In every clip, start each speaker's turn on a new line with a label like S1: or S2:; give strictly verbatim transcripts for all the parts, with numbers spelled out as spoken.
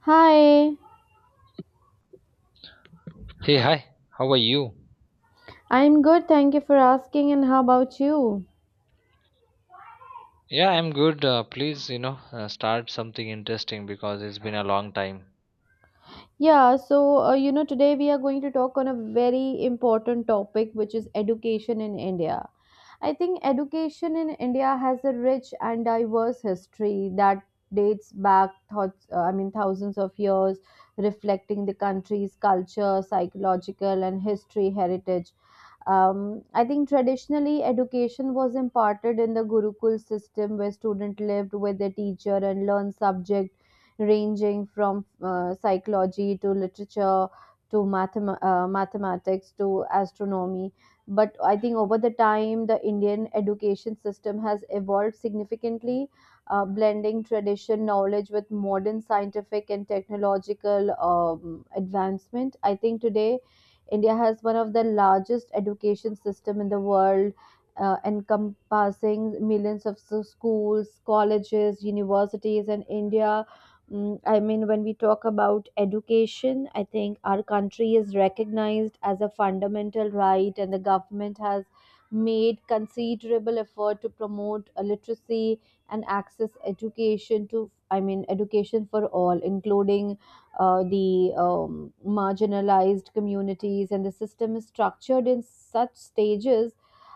S1: Hi,
S2: Hey, hi, how are you?
S1: I'm good. Thank you for asking. And how about you?
S2: Yeah, I'm good. Uh, please, you know, uh, start something interesting because it's been a long time.
S1: Yeah, so uh, you know, today we are going to talk on a very important topic, which is education in India. I think education in India has a rich and diverse history that dates back, thoughts, uh, I mean, thousands of years, reflecting the country's culture, psychological, and history heritage. Um, I think traditionally education was imparted in the Gurukul system where students lived with their teacher and learned subjects ranging from uh, psychology to literature to mathem- uh, mathematics to astronomy. But I think over the time, the Indian education system has evolved significantly, uh, blending tradition knowledge with modern scientific and technological um, advancement. I think today, India has one of the largest education system in the world, uh, encompassing millions of s- schools, colleges, universities, and India. Mm, I mean, when we talk about education, I think our country is recognized as a fundamental right, and the government has made considerable effort to promote uh, literacy and access education to, I mean, education for all, including uh, the um, marginalized communities. And the system is structured in such stages,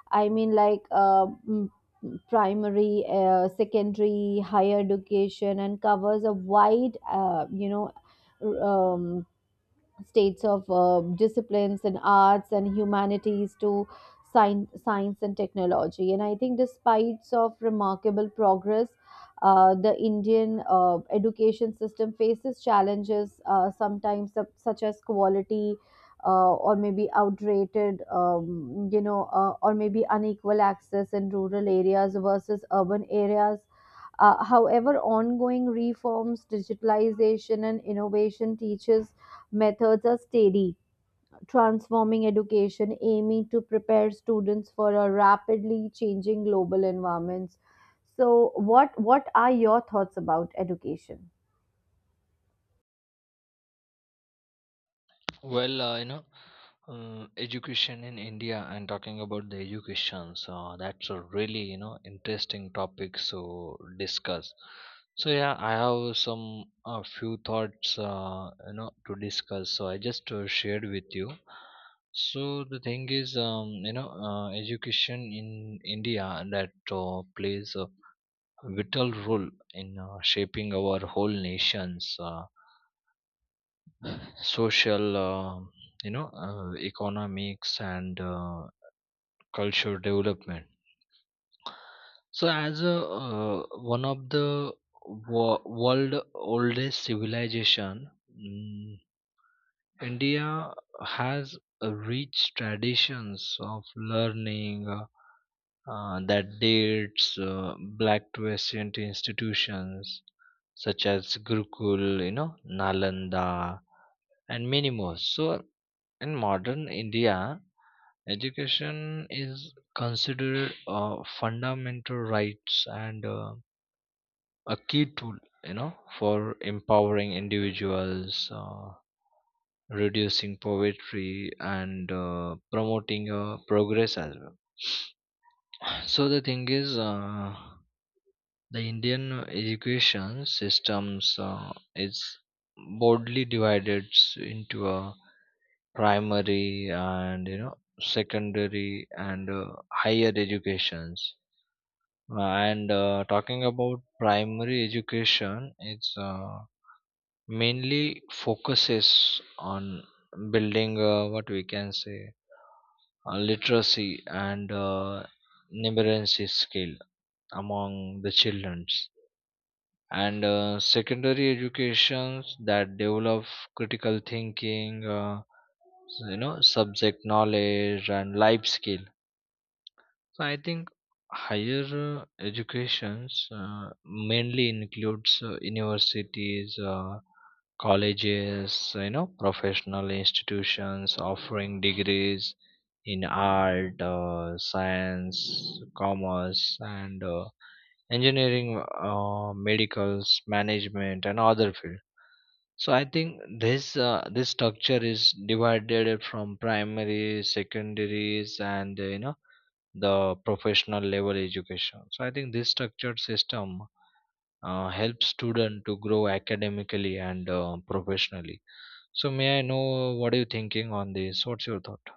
S1: I mean, like, uh, mm, primary, uh, secondary, higher education, and covers a wide, uh, you know, um, states of uh, disciplines and arts and humanities to science, science and technology. And I think, despite of remarkable progress, uh, the Indian uh, education system faces challenges, uh, sometimes, sup- such as quality. Uh, or maybe outdated, um, you know, uh, or maybe unequal access in rural areas versus urban areas, uh, however, ongoing reforms, digitalization, and innovation teaches methods are steady, transforming education, aiming to prepare students for a rapidly changing global environments. So, what what are your thoughts about education?
S2: Well, uh, you know, uh, education in India and talking about the education, so that's a really, you know, interesting topic to discuss. So, yeah, I have some a few thoughts, uh, you know, to discuss. So, I just uh, shared with you. So the thing is, um, you know, uh, education in India that uh, plays a vital role in uh, shaping our whole nation's uh, social, uh, you know, uh, economics and uh, culture development. So, as a, uh, one of the wo- world oldest civilization, mm, India has uh, rich traditions of learning. Uh, uh, that dates uh, black to ancient institutions such as Gurukul, you know, Nalanda, and many more. So, in modern India, education is considered a fundamental rights and uh, a key tool, you know, for empowering individuals, uh, reducing poverty, and uh, promoting uh, progress as well. So the thing is. Uh, The Indian education systems uh, is broadly divided s- into a primary and you know secondary and uh, higher educations. Uh, and uh, Talking about primary education, it's uh, mainly focuses on building uh, what we can say uh, literacy and uh, numeracy skill among the children, and uh, secondary educations that develop critical thinking, uh, you know subject knowledge and life skill. So I think higher uh, educations uh, mainly includes uh, universities, uh, colleges, you know, professional institutions offering degrees in art, uh, science, commerce, and uh, engineering, uh, medicals, management, and other field. So I think this uh, this structure is divided from primary, secondaries, and uh, you know the professional level education. So I think this structured system uh, helps student to grow academically and uh, professionally. So may I know what are you thinking on this? What's your thought?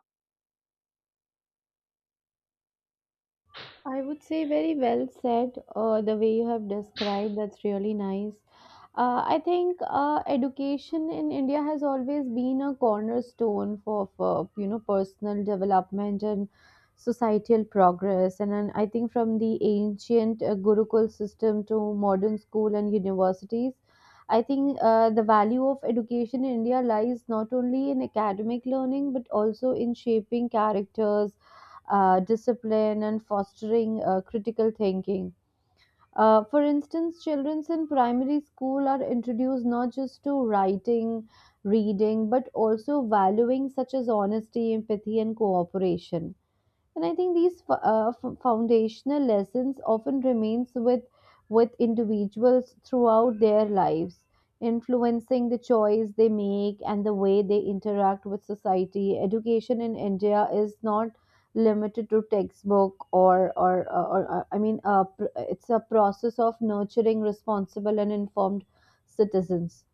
S1: I would say very well said, uh, the way you have described, that's really nice. Uh, I think uh, education in India has always been a cornerstone for, for you know personal development and societal progress. And, then I think from the ancient uh, Gurukul system to modern school and universities, I think uh, the value of education in India lies not only in academic learning but also in shaping characters, uh, discipline, and fostering uh, critical thinking, uh, for instance, children in primary school are introduced not just to writing, reading, but also valuing such as honesty, empathy, and cooperation. And I think these fo- uh, f- foundational lessons often remains with with individuals throughout their lives, influencing the choice they make and the way they interact with society. Education in India is not limited to textbook, or or or, or uh, I mean uh, pr- it's a process of nurturing responsible and informed citizens.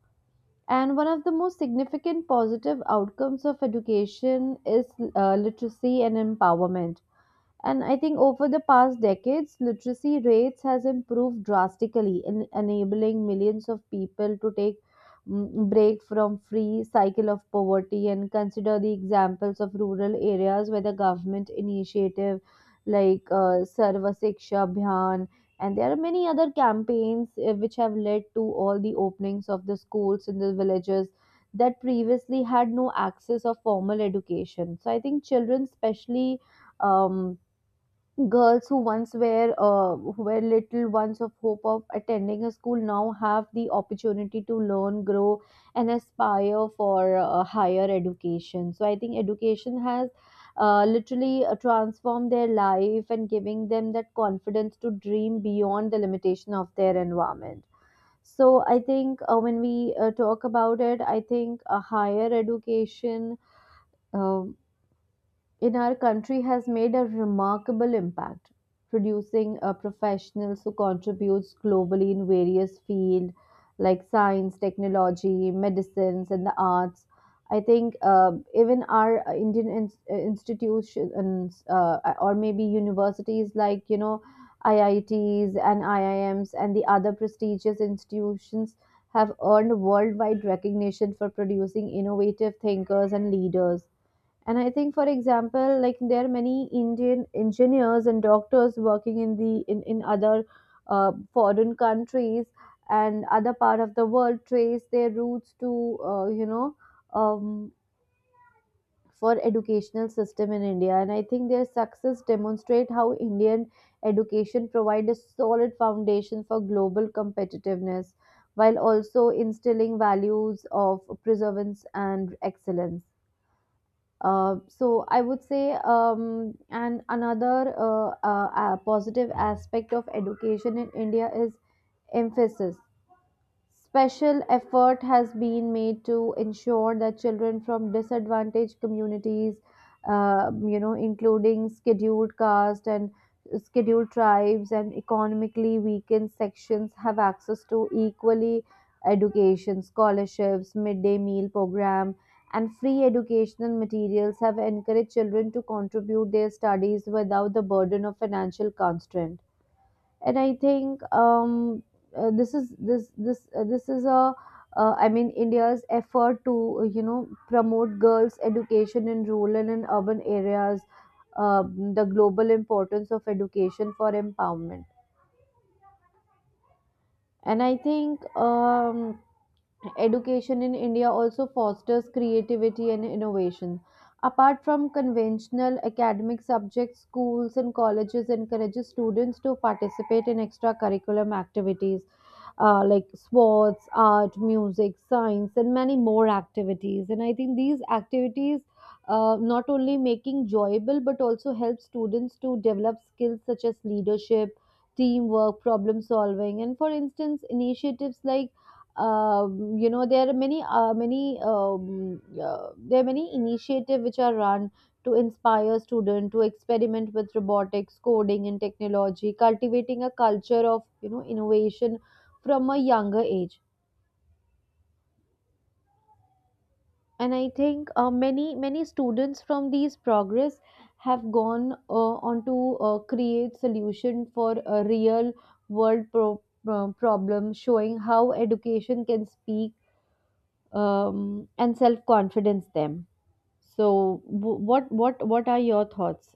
S1: And one of the most significant positive outcomes of education is uh, literacy and empowerment. And I think over the past decades, literacy rates has improved drastically, in enabling millions of people to take, mm, break from free cycle of poverty and consider the examples of rural areas where the government initiative like uh, Sarva Shiksha Abhiyan and there are many other campaigns uh, which have led to all the openings of the schools in the villages that previously had no access of formal education. So I think children, especially, um, girls who once were uh, who were little ones of hope of attending a school now have the opportunity to learn, grow, and aspire for uh, higher education. So I think education has uh, literally uh, transformed their life and giving them that confidence to dream beyond the limitation of their environment. So I think, uh, when we uh, talk about it, I think a higher education, um in our country has made a remarkable impact, producing uh, professionals who contributes globally in various fields like science, technology, medicines, and the arts. I think uh, even our uh, Indian ins- uh, institutions, uh, or maybe universities like you know I I Ts and I I Ms and the other prestigious institutions have earned worldwide recognition for producing innovative thinkers and leaders. And I think, for example, like there are many Indian engineers and doctors working in the in, in other uh, foreign countries and other part of the world, trace their roots to uh, you know um, for educational system in India. And I think their success demonstrate how Indian education provide a solid foundation for global competitiveness while also instilling values of preservance and excellence. Uh, so I would say, um, and another uh, uh, uh, positive aspect of education in India is emphasis. Special effort has been made to ensure that children from disadvantaged communities, uh, you know, including scheduled caste and scheduled tribes and economically weakened sections, have access to equally education, scholarships, midday meal program, and free educational materials have encouraged children to contribute their studies without the burden of financial constraint. And I think, um, uh, this is this this uh, this is a uh, I mean, India's effort to uh, you know promote girls education in rural and urban areas, um, the global importance of education for empowerment. And I think, um, education in India also fosters creativity and innovation apart from conventional academic subjects. Schools and colleges encourages students to participate in extracurricular activities uh, like sports, art, music, science, and many more activities. And I think these activities, uh, not only making enjoyable but also help students to develop skills such as leadership, teamwork, problem solving, and for instance, initiatives like, um, you know there are many uh, many um, uh, there are many initiatives which are run to inspire students to experiment with robotics coding and technology, cultivating a culture of you know innovation from a younger age. And I think uh, many many students from these progress have gone, uh, on to uh, create solution for a real world pro- pro- problem, showing how education can speak, um, and self confidence them. So, w- what what what are your thoughts?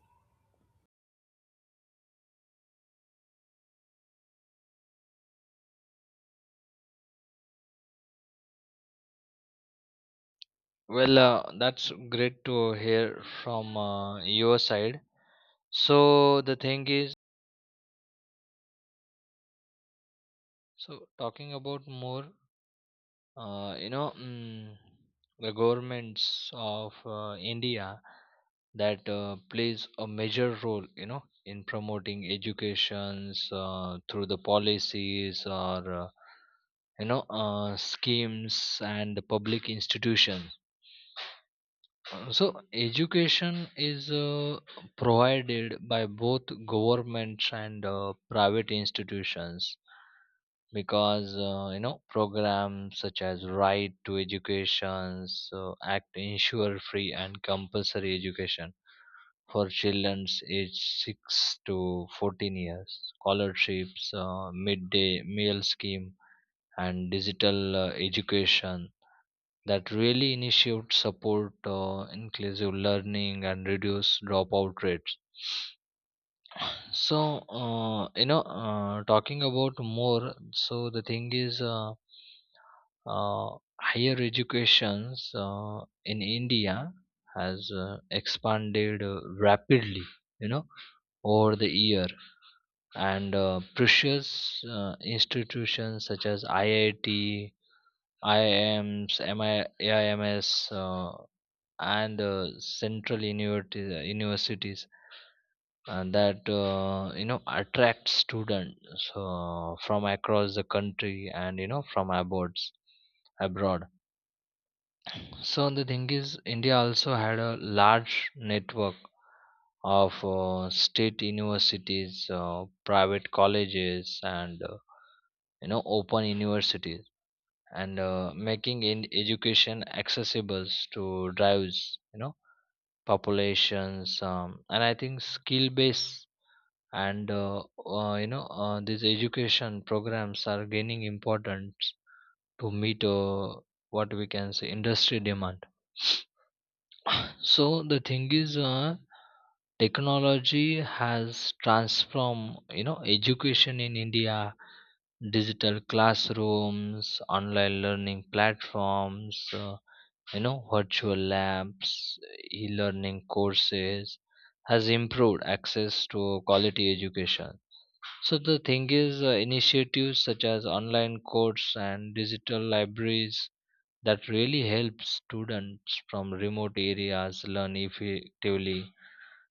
S2: Well, uh, that's great to hear from uh, your side. So the thing is, so talking about more, uh, you know mm, the governments of uh, India that uh, plays a major role, you know in promoting educations uh, through the policies or uh, you know uh, schemes and the public institutions. Uh, so education is uh, provided by both governments and uh, private institutions, because uh, you know programs such as right to education so act ensure free and compulsory education for children aged six to fourteen years. Scholarships, uh, midday meal scheme, and digital uh, education that really initiate support uh, inclusive learning and reduce dropout rates. So, uh, you know, uh, talking about more, so the thing is, uh, uh, higher educations uh, in India has uh, expanded uh, rapidly, you know, over the year, and uh, precious uh, institutions such as I I T, I I Ms, M I, A I M S, uh, and uh, central universities, universities uh, that uh, you know attract students uh, from across the country and you know from abroads abroad. So the thing is India also had a large network of uh, state universities, uh, private colleges, and uh, you know open universities, and uh, making in education accessible to drives, you know populations. Um, and I think skill based and uh, uh, you know uh, these education programs are gaining importance to meet uh, what we can say industry demand. So the thing is, uh, technology has transformed, you know education in India. Digital classrooms, online learning platforms, uh, you know virtual labs, e-learning courses has improved access to quality education. So the thing is, uh, initiatives such as online courses and digital libraries that really help students from remote areas learn effectively.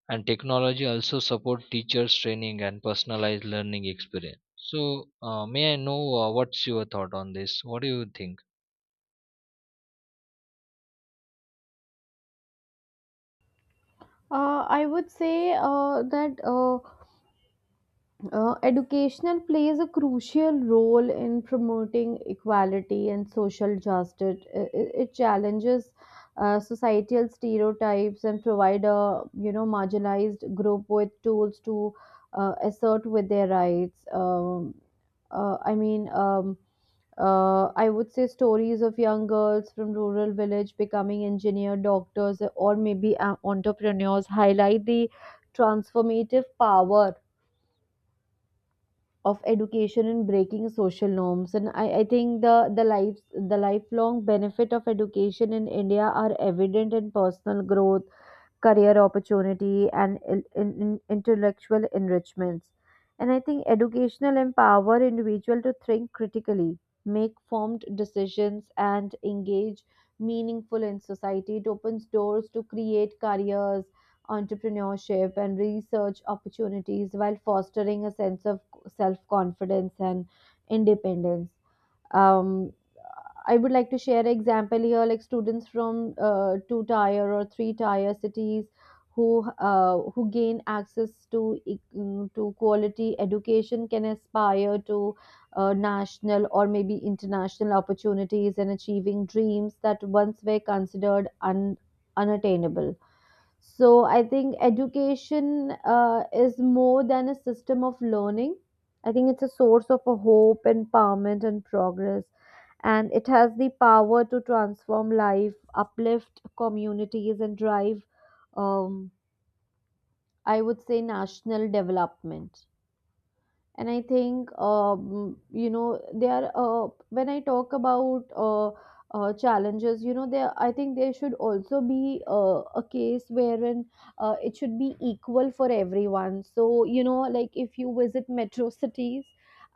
S2: And technology also support teachers' training and personalized learning experience. So, uh, may I know uh, what's your thought on this? What do you think?
S1: uh, I would say uh, that, uh, Uh, educational plays a crucial role in promoting equality and social justice. It, it- it challenges uh, societal stereotypes and provide a you know marginalized group with tools to uh, assert with their rights. Um, uh, I mean. Um, uh, I would say stories of young girls from rural village becoming engineer, doctors, or maybe uh, entrepreneurs highlight the transformative power of education in breaking social norms. And I, I think the the life the lifelong benefit of education in India are evident in personal growth, career opportunity and in, in, in- intellectual enrichments. And I think educational empower individual to think critically, make formed decisions and engage meaningful in society. It opens doors to create careers, entrepreneurship and research opportunities while fostering a sense of self confidence and independence. um, I would like to share an example here, like students from uh, two tier or three tier cities who uh, who gain access to e- mm, to quality education can aspire to uh, national or maybe international opportunities and achieving dreams that once were considered un- unattainable. So I think education uh, is more than a system of learning. I think it's a source of a hope, empowerment, and progress, and it has the power to transform life, uplift communities, and drive, um, I would say, national development. And I think, um, you know there uh, when I talk about, uh, uh, challenges, you know there I think there should also be uh, a case wherein uh, it should be equal for everyone, so you know like if you visit metro cities.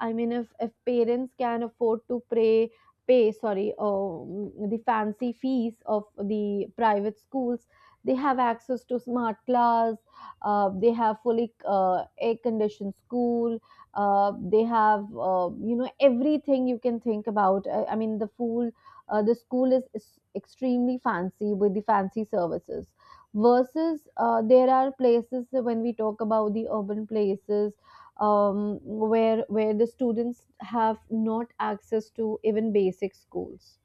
S1: I mean, if if parents can afford to pay pay sorry, um, the fancy fees of the private schools, they have access to smart class. Uh, they have fully, uh, air conditioned school. Uh, they have, uh, you know everything you can think about. i, I mean, the fool uh, the school is, is extremely fancy with the fancy services, versus, uh, there are places when we talk about the urban places, um, where where the students have not access to even basic schools.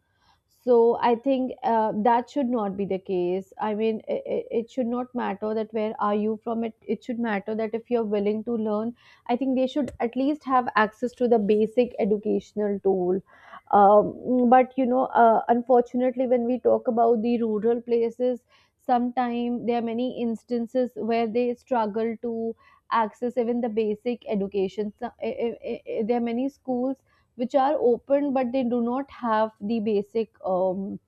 S1: So I think uh, that should not be the case. I mean, it, it should not matter that where are you from. It it should matter that if you're willing to learn, I think they should at least have access to the basic educational tool. Um, but you know, uh, unfortunately, when we talk about the rural places, sometimes there are many instances where they struggle to access even the basic education. So, eh, eh, eh, eh, there are many schools which are open but they do not have the basic um,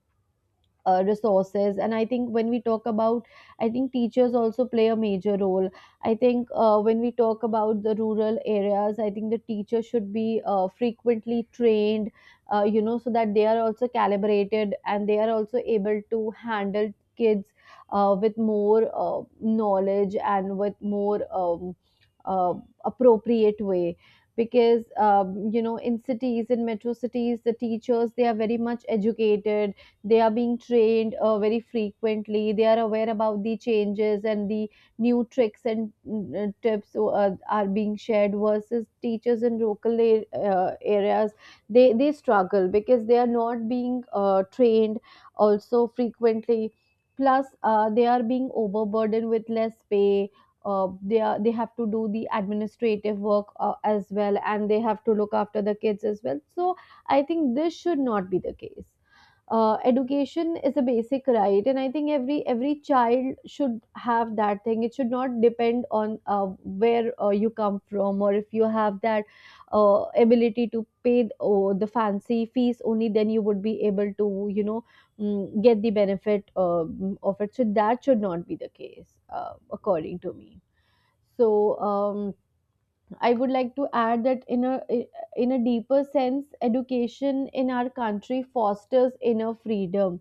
S1: uh, resources. And I think when we talk about, I think teachers also play a major role. I think uh, when we talk about the rural areas, I think the teacher should be uh, frequently trained, uh, you know so that they are also calibrated and they are also able to handle kids uh, with more uh, knowledge and with more um, uh, appropriate way. Because um, you know, in cities, in metro cities, the teachers, they are very much educated. They are being trained uh, very frequently. They are aware about the changes and the new tricks and mm, uh, tips uh, are being shared, versus teachers in local a- uh, areas, they they struggle because they are not being uh, trained also frequently. Plus uh, they are being overburdened with less pay. uh, they are, they have to do the administrative work uh, as well, and they have to look after the kids as well. So I think this should not be the case. Uh, education is a basic right, and I think every every child should have that thing. It should not depend on uh, where uh, you come from, or if you have that uh, ability to pay th- oh, the fancy fees, only then you would be able to, you know, mm, get the benefit um of it. So that should not be the case, uh, according to me. So um, I would like to add that in a, in a deeper sense, education in our country fosters inner freedom.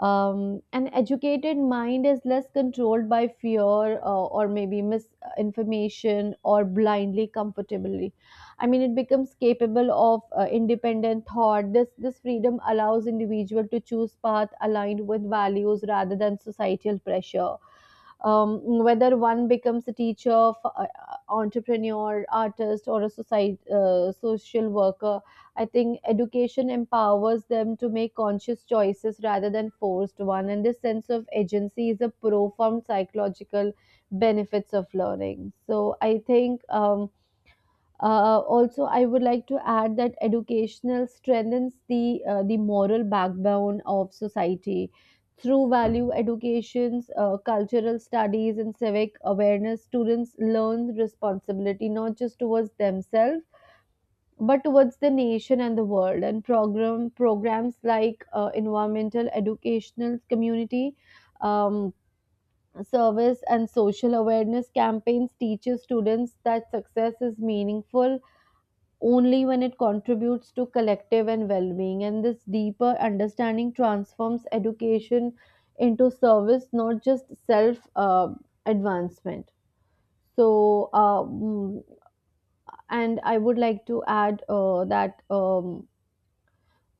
S1: um, An educated mind is less controlled by fear uh, or maybe misinformation or blindly comfortably. I mean, it becomes capable of uh, independent thought. This this freedom allows individual to choose path aligned with values rather than societal pressure. Um, whether one becomes a teacher, f- uh, uh, entrepreneur, artist, or a society, uh, social worker, I think education empowers them to make conscious choices rather than forced one, and this sense of agency is a profound psychological benefits of learning. So I think, um, uh, also I would like to add that educational strengthens the uh, the moral backbone of society through value educations, uh, cultural studies, and civic awareness. Students learn responsibility not just towards themselves but towards the nation and the world. And program programs like uh, environmental educational community um, service and social awareness campaigns teaches students that success is meaningful only when it contributes to collective and well-being, and this deeper understanding transforms education into service, not just self uh, advancement. So uh, mm, and I would like to add uh, that um,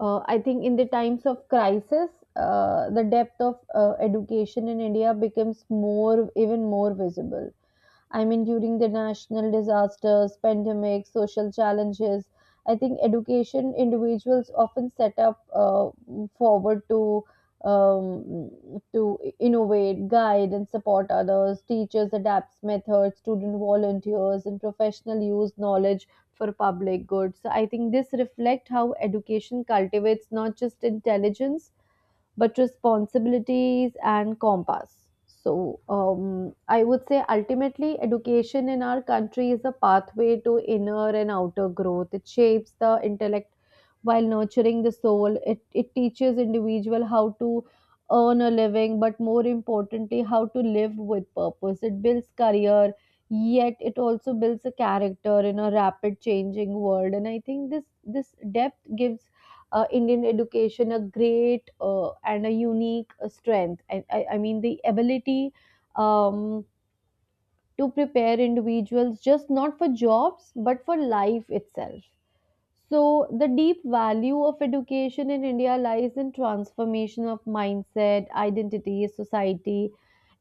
S1: Uh, I think in the times of crisis, uh, the depth of uh, education in India becomes more, even more visible. I mean, during the national disasters, pandemics, social challenges, I think education individuals often set up uh, forward to, um, to innovate, guide, and support others. Teachers adapt methods, student volunteers, and professional use knowledge for public good. So I think this reflect how education cultivates not just intelligence but responsibilities and compass. So, um, I would say ultimately, education in our country is a pathway to inner and outer growth. It shapes the intellect while nurturing the soul. It, it teaches individual how to earn a living, but more importantly, how to live with purpose. It builds career, yet it also builds a character in a rapid changing world. And I think this this depth gives uh, Indian education a great uh, and a unique uh, strength. I, I, I mean, the ability, um, to prepare individuals just not for jobs but for life itself. So, the deep value of education in India lies in transformation of mindset, identity, society.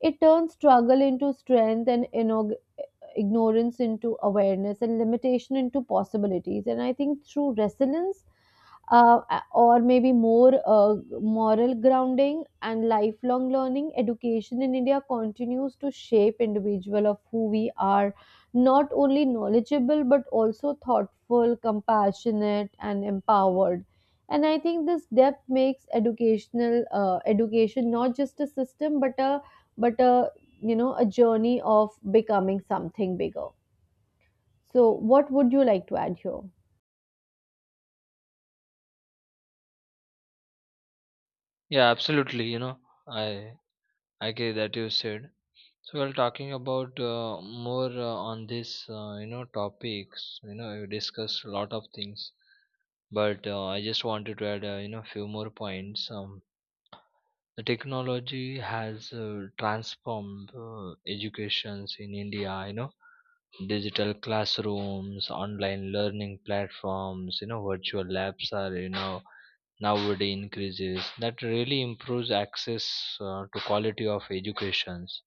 S1: It turns struggle into strength, and ignorance into awareness, and limitation into possibilities. And I think through resilience, uh, or maybe more uh, moral grounding and lifelong learning, education in India continues to shape individual of who we are, not only knowledgeable but also thoughtful, compassionate, and empowered. And I think this depth makes educational uh, education not just a system, but a, but a, you know, a journey of becoming something bigger. So what would you like to add here?
S2: Yeah, absolutely. You know, I I agree that you said. So while talking about uh, more uh, on this, uh, you know, topics, you know, you discussed a lot of things, but uh, I just wanted to add, uh, you know a few more points. Um, the technology has uh, transformed uh, educations in India, you know digital classrooms, online learning platforms, you know virtual labs are, you know nowadays increases, that really improves access uh, to quality of educations.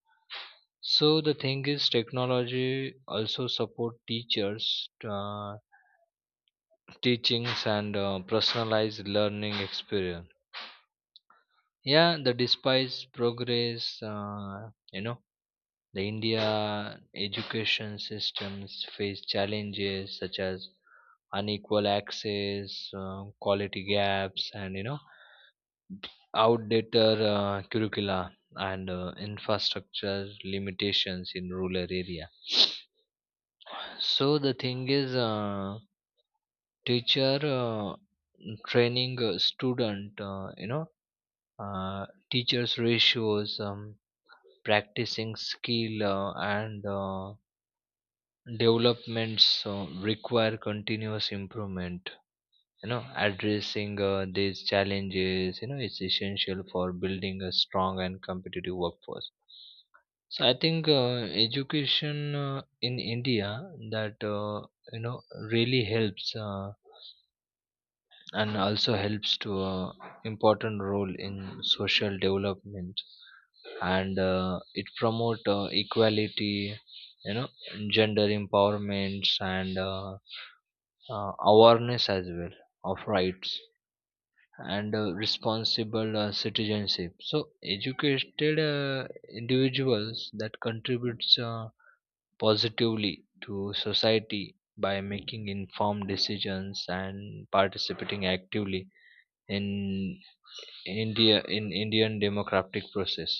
S2: So the thing is, technology also support teachers, uh, teachings and uh, personalized learning experience. Yeah, the despise progress, uh, you know the India education systems face challenges such as unequal access, uh, quality gaps, and you know outdated uh, curricula and uh, infrastructure limitations in rural area. So the thing is, uh, teacher uh, training, a student, uh, you know uh, teachers ratios, um, practicing skill, uh, and uh, developments uh, require continuous improvement. You know addressing uh, these challenges, you know is essential for building a strong and competitive workforce. So I think uh, education uh, in India that uh, you know really helps, uh, and also helps to uh, important role in social development, and uh, it promote uh, equality, you know gender empowerments, and uh, uh, awareness as well of rights and uh, responsible uh, citizenship. So educated uh, individuals that contributes uh, positively to society by making informed decisions and participating actively in India in Indian democratic process.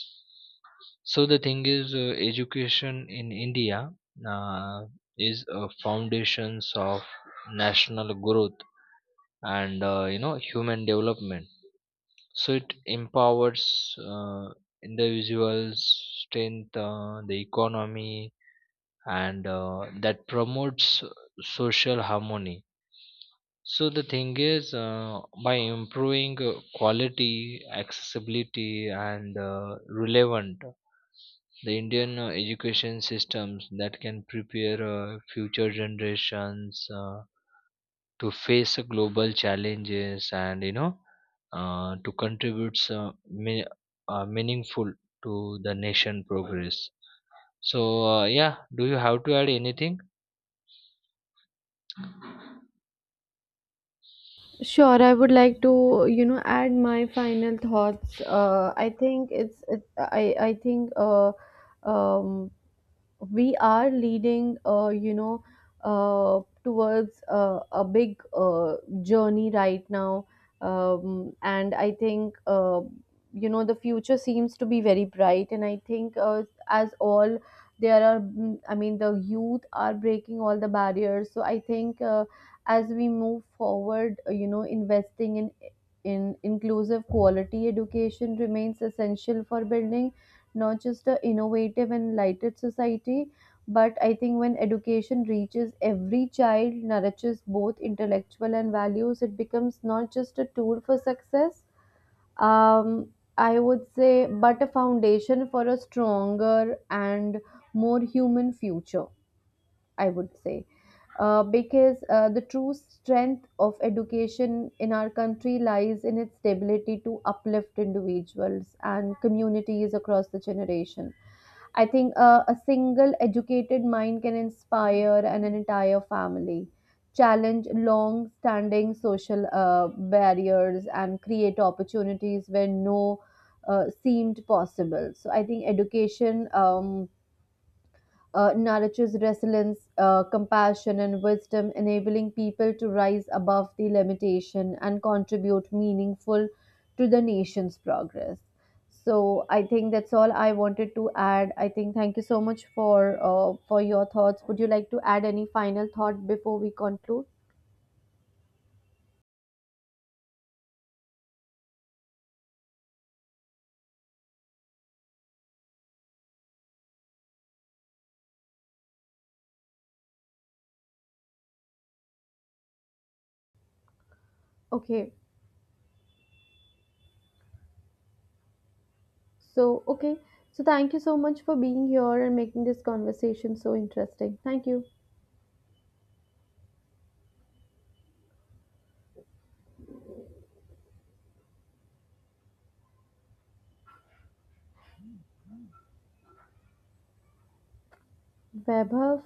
S2: So the thing is, uh, education in India uh, is uh, foundations of national growth and uh, you know human development. So it empowers uh, individuals, strength uh, the economy, and uh, that promotes social harmony. So the thing is, uh, by improving uh, quality, accessibility, and uh, relevant, the Indian uh, education systems that can prepare uh, future generations uh, to face global challenges, and you know uh, to contribute some me- uh, meaningful to the nation progress. So uh, yeah, do you have to add anything?
S1: Sure, I would like to, you know, add my final thoughts. Uh, I think it's, it, I, I think, uh, um, we are leading, uh, you know, uh, towards uh, a big uh, journey right now. Um, and I think, uh, you know, the future seems to be very bright. And I think, uh, as all there are, I mean, the youth are breaking all the barriers, so I think. Uh, as we move forward, uh, you know, investing in in inclusive quality education remains essential for building not just a innovative and enlightened society, but I think when education reaches every child, nurtures both intellectual and values, it becomes not just a tool for success, um, I would say, but a foundation for a stronger and more human future, I would say. Uh, because uh, the true strength of education in our country lies in its ability to uplift individuals and communities across the generation. I think uh, a single educated mind can inspire an entire family, challenge long standing social uh, barriers, and create opportunities where no uh, seemed possible. So I think education, Um, uh, nourishes resilience, uh, compassion, and wisdom, enabling people to rise above the limitation and contribute meaningful to the nation's progress. So I think that's all I wanted to add. I think thank you so much for uh, for your thoughts. Would you like to add any final thought before we conclude? Okay. So okay. So thank you so much for being here and making this conversation so interesting. Thank you. Vaibhav.